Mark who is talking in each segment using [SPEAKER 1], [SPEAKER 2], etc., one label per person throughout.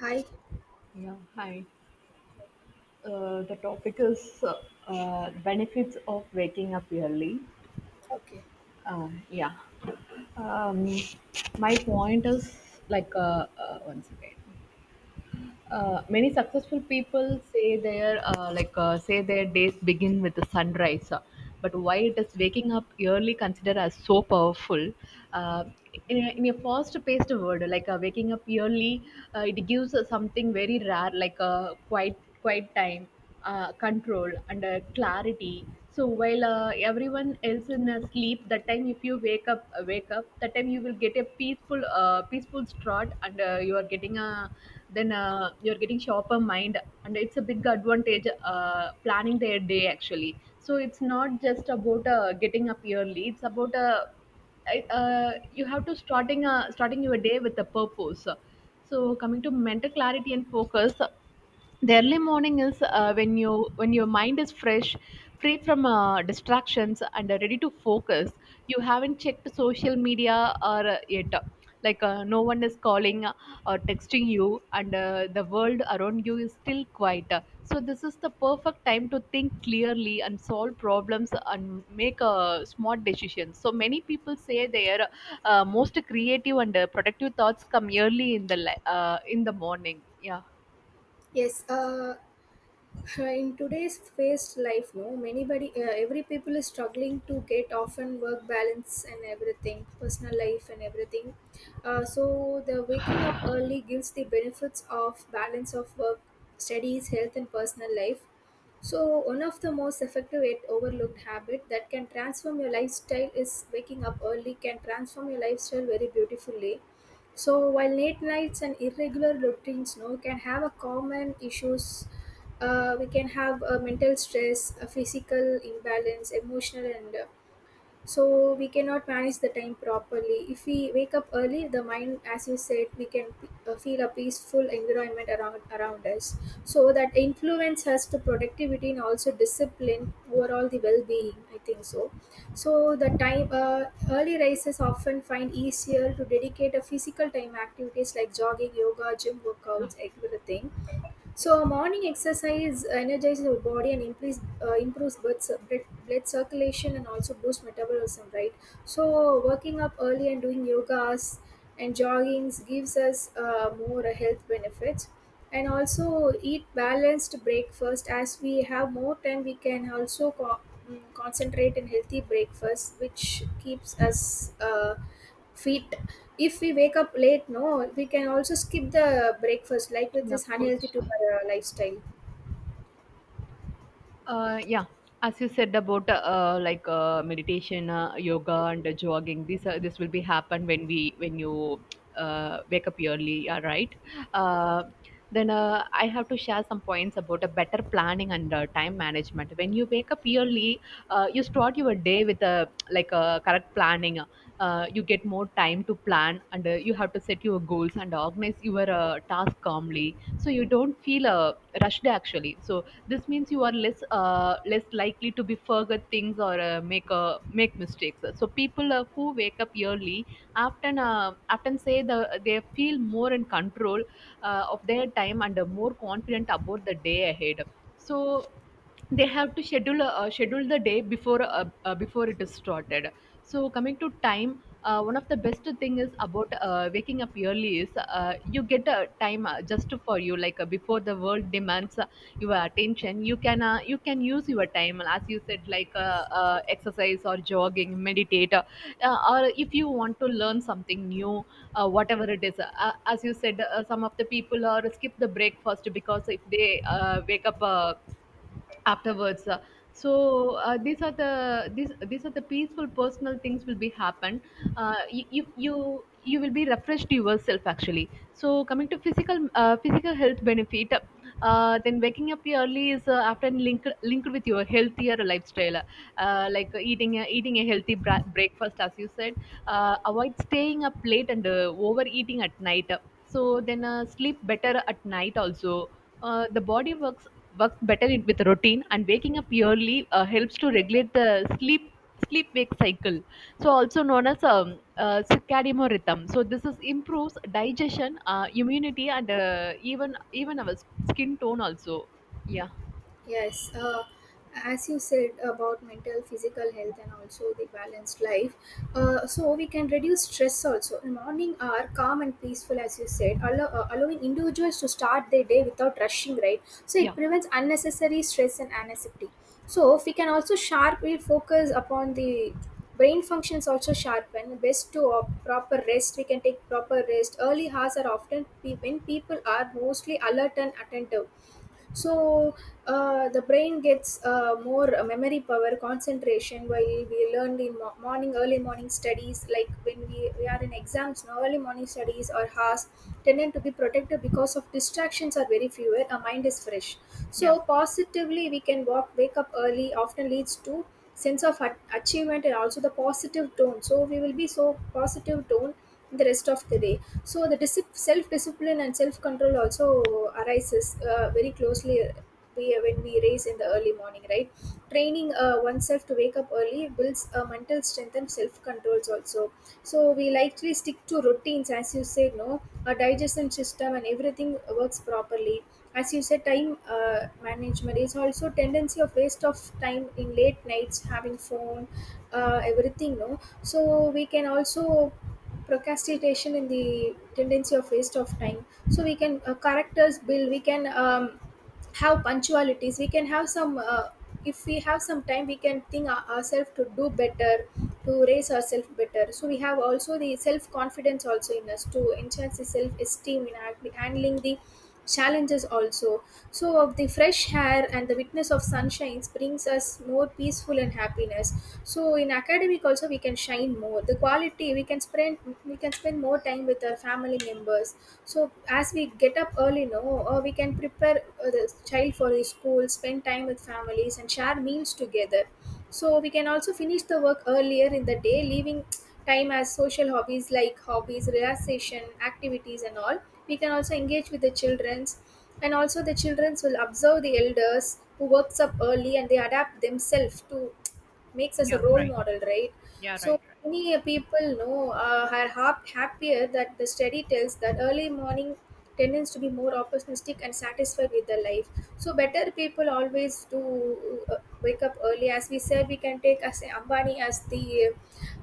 [SPEAKER 1] Hi.
[SPEAKER 2] Yeah, hi. The topic is benefits of waking up early.
[SPEAKER 1] Okay.
[SPEAKER 2] Yeah. Um, my point is like once again, many successful people say their like say their days begin with the sunrise. But why it is waking up early considered as so powerful? Uh, in a fast-paced world, waking up early, it gives us something very rare, like a quiet time, control and clarity. So while everyone else in sleep that time, if you wake up that time, you will get a peaceful start and you are getting a, then you're getting sharper mind and it's a big advantage planning their day, actually. So it's not just about getting up early, it's about you have to starting your day with a purpose. So coming to mental clarity and focus, the early morning is when your mind is fresh, free from distractions and are ready to focus. You haven't checked social media or yet, no one is calling or texting you, and the world around you is still quiet. So this is the perfect time to think clearly and solve problems and make smart decisions. So many people say their most creative and productive thoughts come early in in the morning. Yeah,
[SPEAKER 1] Yes. In today's fast life, no, many body, every people is struggling to get often work balance and everything, personal life and everything. So the waking up early gives the benefits of balance of work, studies, health, and personal life. So one of the most effective yet overlooked habit that can transform your lifestyle is waking up early can transform your lifestyle very beautifully. So while late nights and irregular routines no, can have a common issues, we can have mental stress, a physical imbalance, emotional and So we cannot manage the time properly. If we wake up early the mind, as you said, we can feel a peaceful environment around us, so that influence us to productivity and also discipline overall the well-being, I think so. So the time, early risers often find easier to dedicate a physical time activities like jogging, yoga, gym workouts, everything. So morning exercise energizes our body and improves, improves blood, blood blood circulation and also boosts metabolism, right? So working up early and doing yogas and joggings gives us more health benefits. And also eat balanced breakfast. As we have more time, we can also concentrate in healthy breakfast, which keeps us fit. If we wake up late no, we can also skip the breakfast, like with
[SPEAKER 2] yeah, of
[SPEAKER 1] this unhealthy
[SPEAKER 2] course.
[SPEAKER 1] to our lifestyle.
[SPEAKER 2] Yeah, as you said about meditation, yoga, and jogging, this will be happen when we when you wake up early, yeah, right? Uh, then I have to share some points about a better planning and time management. When you wake up early, you start your day with a like a correct planning. You get more time to plan, and you have to set your goals and organize your task calmly, so you don't feel rushed, actually. So this means you are less likely to be forget things or make mistakes. So people who wake up early often say they feel more in control of their time and more confident about the day ahead. So they have to schedule the day before it is started. So coming to time, one of the best thing is about waking up early is you get a time just for you, before the world demands your attention. You can you can use your time, as you said, exercise or jogging, meditate, or if you want to learn something new, whatever it is. As you said, some of the people are skip the breakfast because if they wake up afterwards. So these are the peaceful personal things will be happen. You will be refreshed yourself, actually. So coming to physical physical health benefit, then waking up early is often linked with your healthier lifestyle, like eating a healthy breakfast, as you said, avoid staying up late and overeating at night. So then sleep better at night also. The body works better with routine, and waking up early helps to regulate the sleep wake cycle, so also known as circadian rhythm. So this is improves digestion, immunity, and even even our skin tone also. Yeah,
[SPEAKER 1] Yes, as you said about mental, physical health, and also the balanced life, so we can reduce stress also. Morning are calm and peaceful, as you said, allow, allowing individuals to start their day without rushing, right? So
[SPEAKER 2] yeah,
[SPEAKER 1] it prevents unnecessary stress and anxiety. So we can also sharply focus upon the brain functions also sharpen. Best to proper rest, we can take proper rest. Early hours are often when people are mostly alert and attentive, so the brain gets more memory power concentration while we learned in morning, early morning studies, like when we are in exams now, early morning studies or has tended to be protected because of distractions are very fewer, our mind is fresh.
[SPEAKER 2] yeah.
[SPEAKER 1] So positively we can walk wake up early, often leads to sense of achievement and also the positive tone, so we will be so positive tone the rest of the day. So the disip self-discipline and self-control also arises very closely, when we raise in the early morning, right? Training oneself to wake up early builds mental strength and self-controls also, so we likely stick to routines. As you said no, our digestion system and everything works properly. As you said, time management is also tendency of waste of time in late nights having phone, everything no, so we can also procrastination and the tendency of waste of time. So we can characters build, we can have punctualities, we can have some if we have some time we can think ourselves to do better, to raise ourselves better. So we have also the self confidence also in us to enhance the self esteem in handling the challenges also. So of the fresh air and the witness of sunshine brings us more peaceful and happiness. So in academic also we can shine more the quality. We can spend more time with our family members. So as we get up early no, we can prepare the child for his school, spend time with families and share meals together. So we can also finish the work earlier in the day, leaving time as social hobbies like hobbies, relaxation activities and all. We can also engage with the children's, and also the children's will observe the elders who works up early and they adapt themselves to makes us
[SPEAKER 2] Yeah,
[SPEAKER 1] a role
[SPEAKER 2] right.
[SPEAKER 1] model, right? So many people know are happier, that the study tells that early morning tendence to be more opportunistic and satisfied with their life. So better people always do wake up early. As we said, we can take as Ambani as the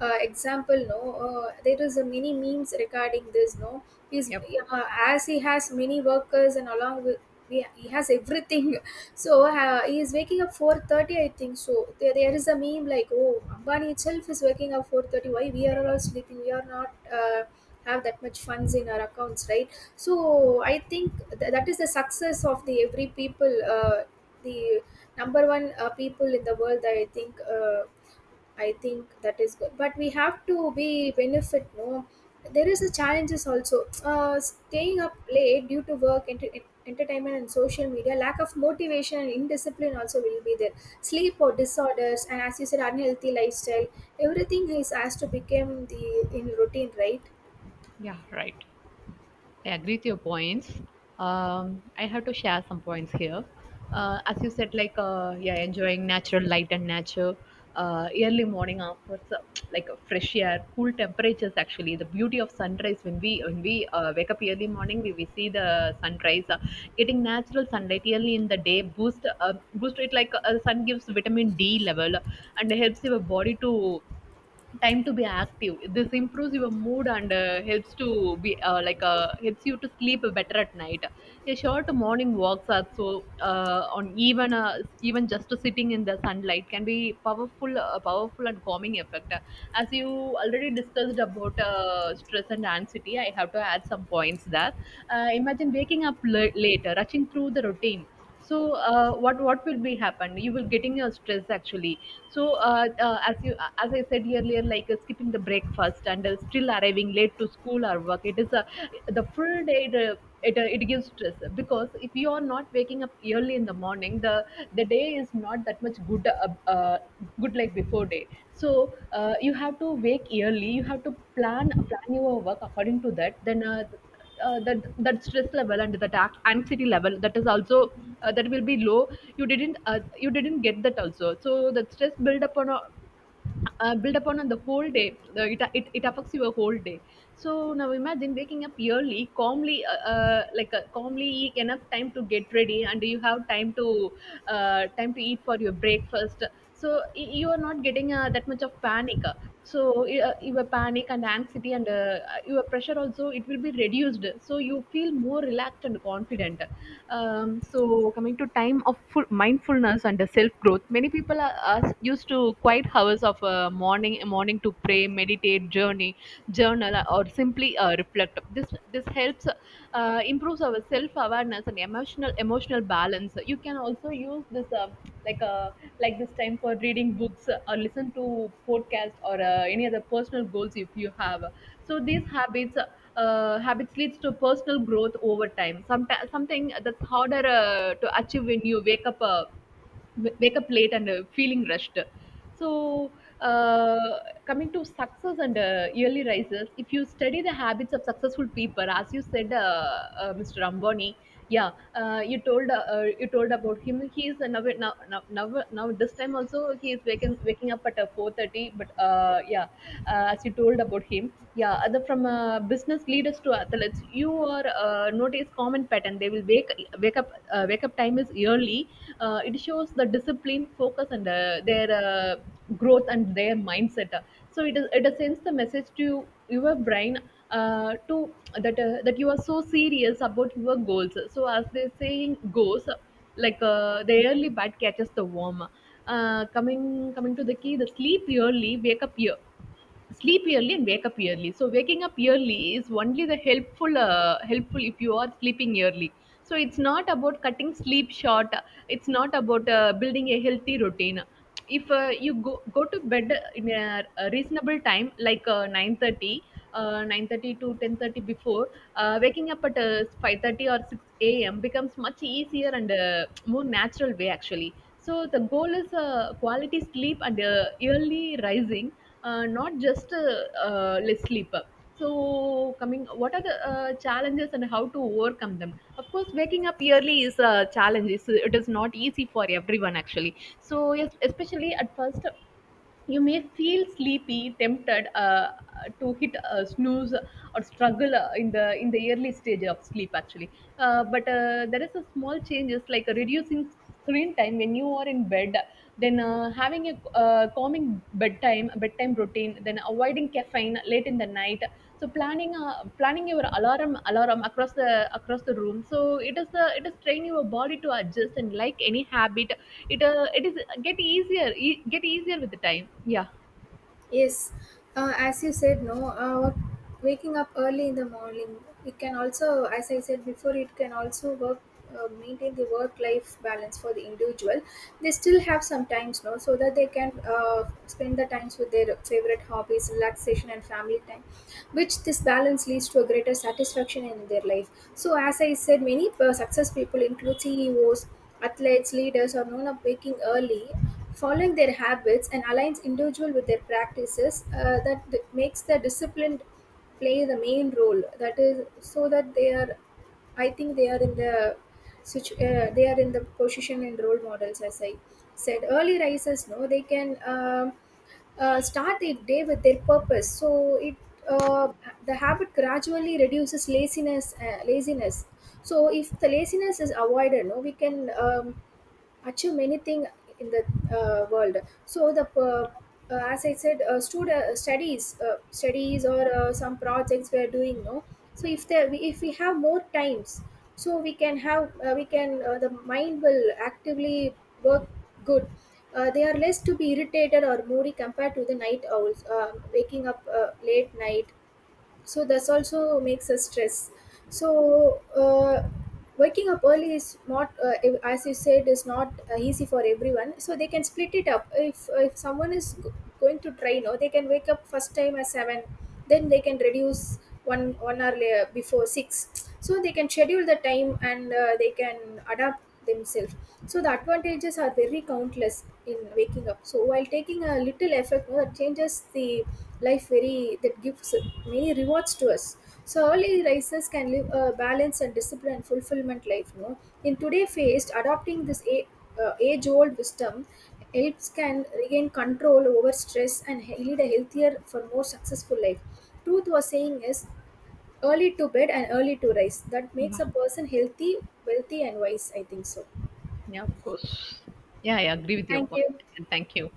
[SPEAKER 1] example. No, there is a many memes regarding this. No, he's
[SPEAKER 2] Yeah, of course.
[SPEAKER 1] as he has many workers and along with. He has everything. So he is waking up 4:30, I think. So there is a meme like, oh, Ambani itself is waking up 4:30. Why we are all sleeping? We are not. Have that much funds in our accounts, right? So I think that is the success of the every people, the number one people in the world, I think. I think that is good. But we have to be benefit. No, there is a challenges also. Staying up late due to work, entertainment, and social media, lack of motivation and indiscipline also will be there. Sleep or disorders, and as you said, unhealthy lifestyle. Everything is has to become the in routine, right?
[SPEAKER 2] Yeah, right, I agree with your points. I have to share some points here. As you said, yeah, enjoying natural light and nature, early morning offers like a fresh air, cool temperatures. Actually, the beauty of sunrise when we wake up early morning, we see the sunrise. Getting natural sunlight early in the day boost it, sun gives vitamin D level and helps your body to time to be active. This improves your mood and helps to be helps you to sleep better at night. A short morning walks are so on even even just sitting in the sunlight can be powerful and calming effect. As you already discussed about stress and anxiety, I have to add some points there. Imagine waking up late, rushing through the routine. So what will be happen, you will getting your stress, actually. so uh, uh, as you as I said earlier, skipping the breakfast and still arriving late to school or work, it is a the full day it gives stress. Because if you are not waking up early in the morning, the day is not that much good, uh, good like before day. So you have to wake early, you have to plan your work according to that. Then that that stress level and that anxiety level, that is also that will be low. You didn't you didn't get that also, so that stress build upon a, build upon on the whole day. It affects your whole day. So now imagine waking up early calmly, calmly, enough time to get ready and you have time to time to eat for your breakfast. So you are not getting that much of panic. So your panic and anxiety and your pressure also, it will be reduced. So you feel more relaxed and confident. So coming to time of full mindfulness and self growth, many people are used to quiet hours of morning morning to pray, meditate, journey, journal, or simply reflect. This helps improves our self awareness and emotional balance. You can also use this like uh, this time for reading books, or listen to podcast, or any other personal goals if you have. So these habits habits leads to personal growth over time. Sometimes something that's harder to achieve when you wake up wake up late and feeling rushed. So, uh, coming to success and yearly rises, if you study the habits of successful people, as you said, Mr. Ambani, yeah, you told about him. He is now this time also he is waking up at 4:30. But Yeah, as you told about him, yeah, other from business leaders to athletes, you are notice common consistent pattern. They will wake up time is yearly. It shows the discipline, focus, and their growth and their mindset. So it sends the message to your brain to that that you are so serious about your goals. So as the saying goes, the early bad catches the worm. Uh, coming coming to the key, the sleep early and wake up early. So waking up early is only the helpful helpful if you are sleeping early. So it's not about cutting sleep short, it's not about building a healthy routine. If you go to bed in a reasonable time, 9:30 9:30 to 10:30, before waking up at 5:30 or 6 a.m. becomes much easier and more natural way, actually. So the goal is quality sleep and early rising, not just less sleep. So coming, what are the challenges and how to overcome them? Of course, waking up early is a challenge. It is not easy for everyone, actually. So yes, especially at first you may feel sleepy, tempted to hit a snooze, or struggle in the early stage of sleep, actually. But there is a small changes like reducing screen time when you are in bed, then having a calming bedtime routine, then avoiding caffeine late in the night. So planning planning your alarm across the room. So it is the it is train your body to adjust, and like any habit, it it is get easier, get easier with the time. Yeah,
[SPEAKER 1] Yes, as you said, no, waking up early in the morning, it can also, as I said before, it can also work. Maintain the work-life balance for the individual. They still have some times, no, so that they can spend the times with their favorite hobbies, relaxation, and family time, which this balance leads to a greater satisfaction in their life. So, as I said, many success people include CEOs, athletes, leaders, are known of waking early, following their habits and aligns individual with their practices that makes the disciplined play the main role. That is so that they are, I think they are in the they are in the position and role models. As I said, early risers no, they can start their day with their purpose. So it uh, the habit gradually reduces laziness. Laziness. So if the laziness is avoided, no, we can achieve many things in the world. So the as I said, studies, studies or some projects we are doing. No, so if there, if we have more times, so we can have we can the mind will actively work good. They are less to be irritated or moody compared to the night owls, waking up late night, so that's also makes us stress. So waking up early is not as you said is not easy for everyone, so they can split it up. If someone is going to train, or they can wake up first time at 7, then they can reduce one hour later before 6. So they can schedule the time and they can adapt themselves. So the advantages are very countless in waking up. So while taking a little effort, you know, that changes the life very that gives many rewards to us. So early risers can live a balanced and disciplined and fulfillment life. You know, in today's phase, adopting this age-old wisdom helps can regain control over stress and lead a healthier for more successful life. Truth was saying is early to bed and early to rise. That makes
[SPEAKER 2] yeah,
[SPEAKER 1] a person healthy, wealthy, and wise. I think so.
[SPEAKER 2] yeah, of course. Yeah, I agree with your
[SPEAKER 1] Thank
[SPEAKER 2] point,
[SPEAKER 1] you.
[SPEAKER 2] and thank you.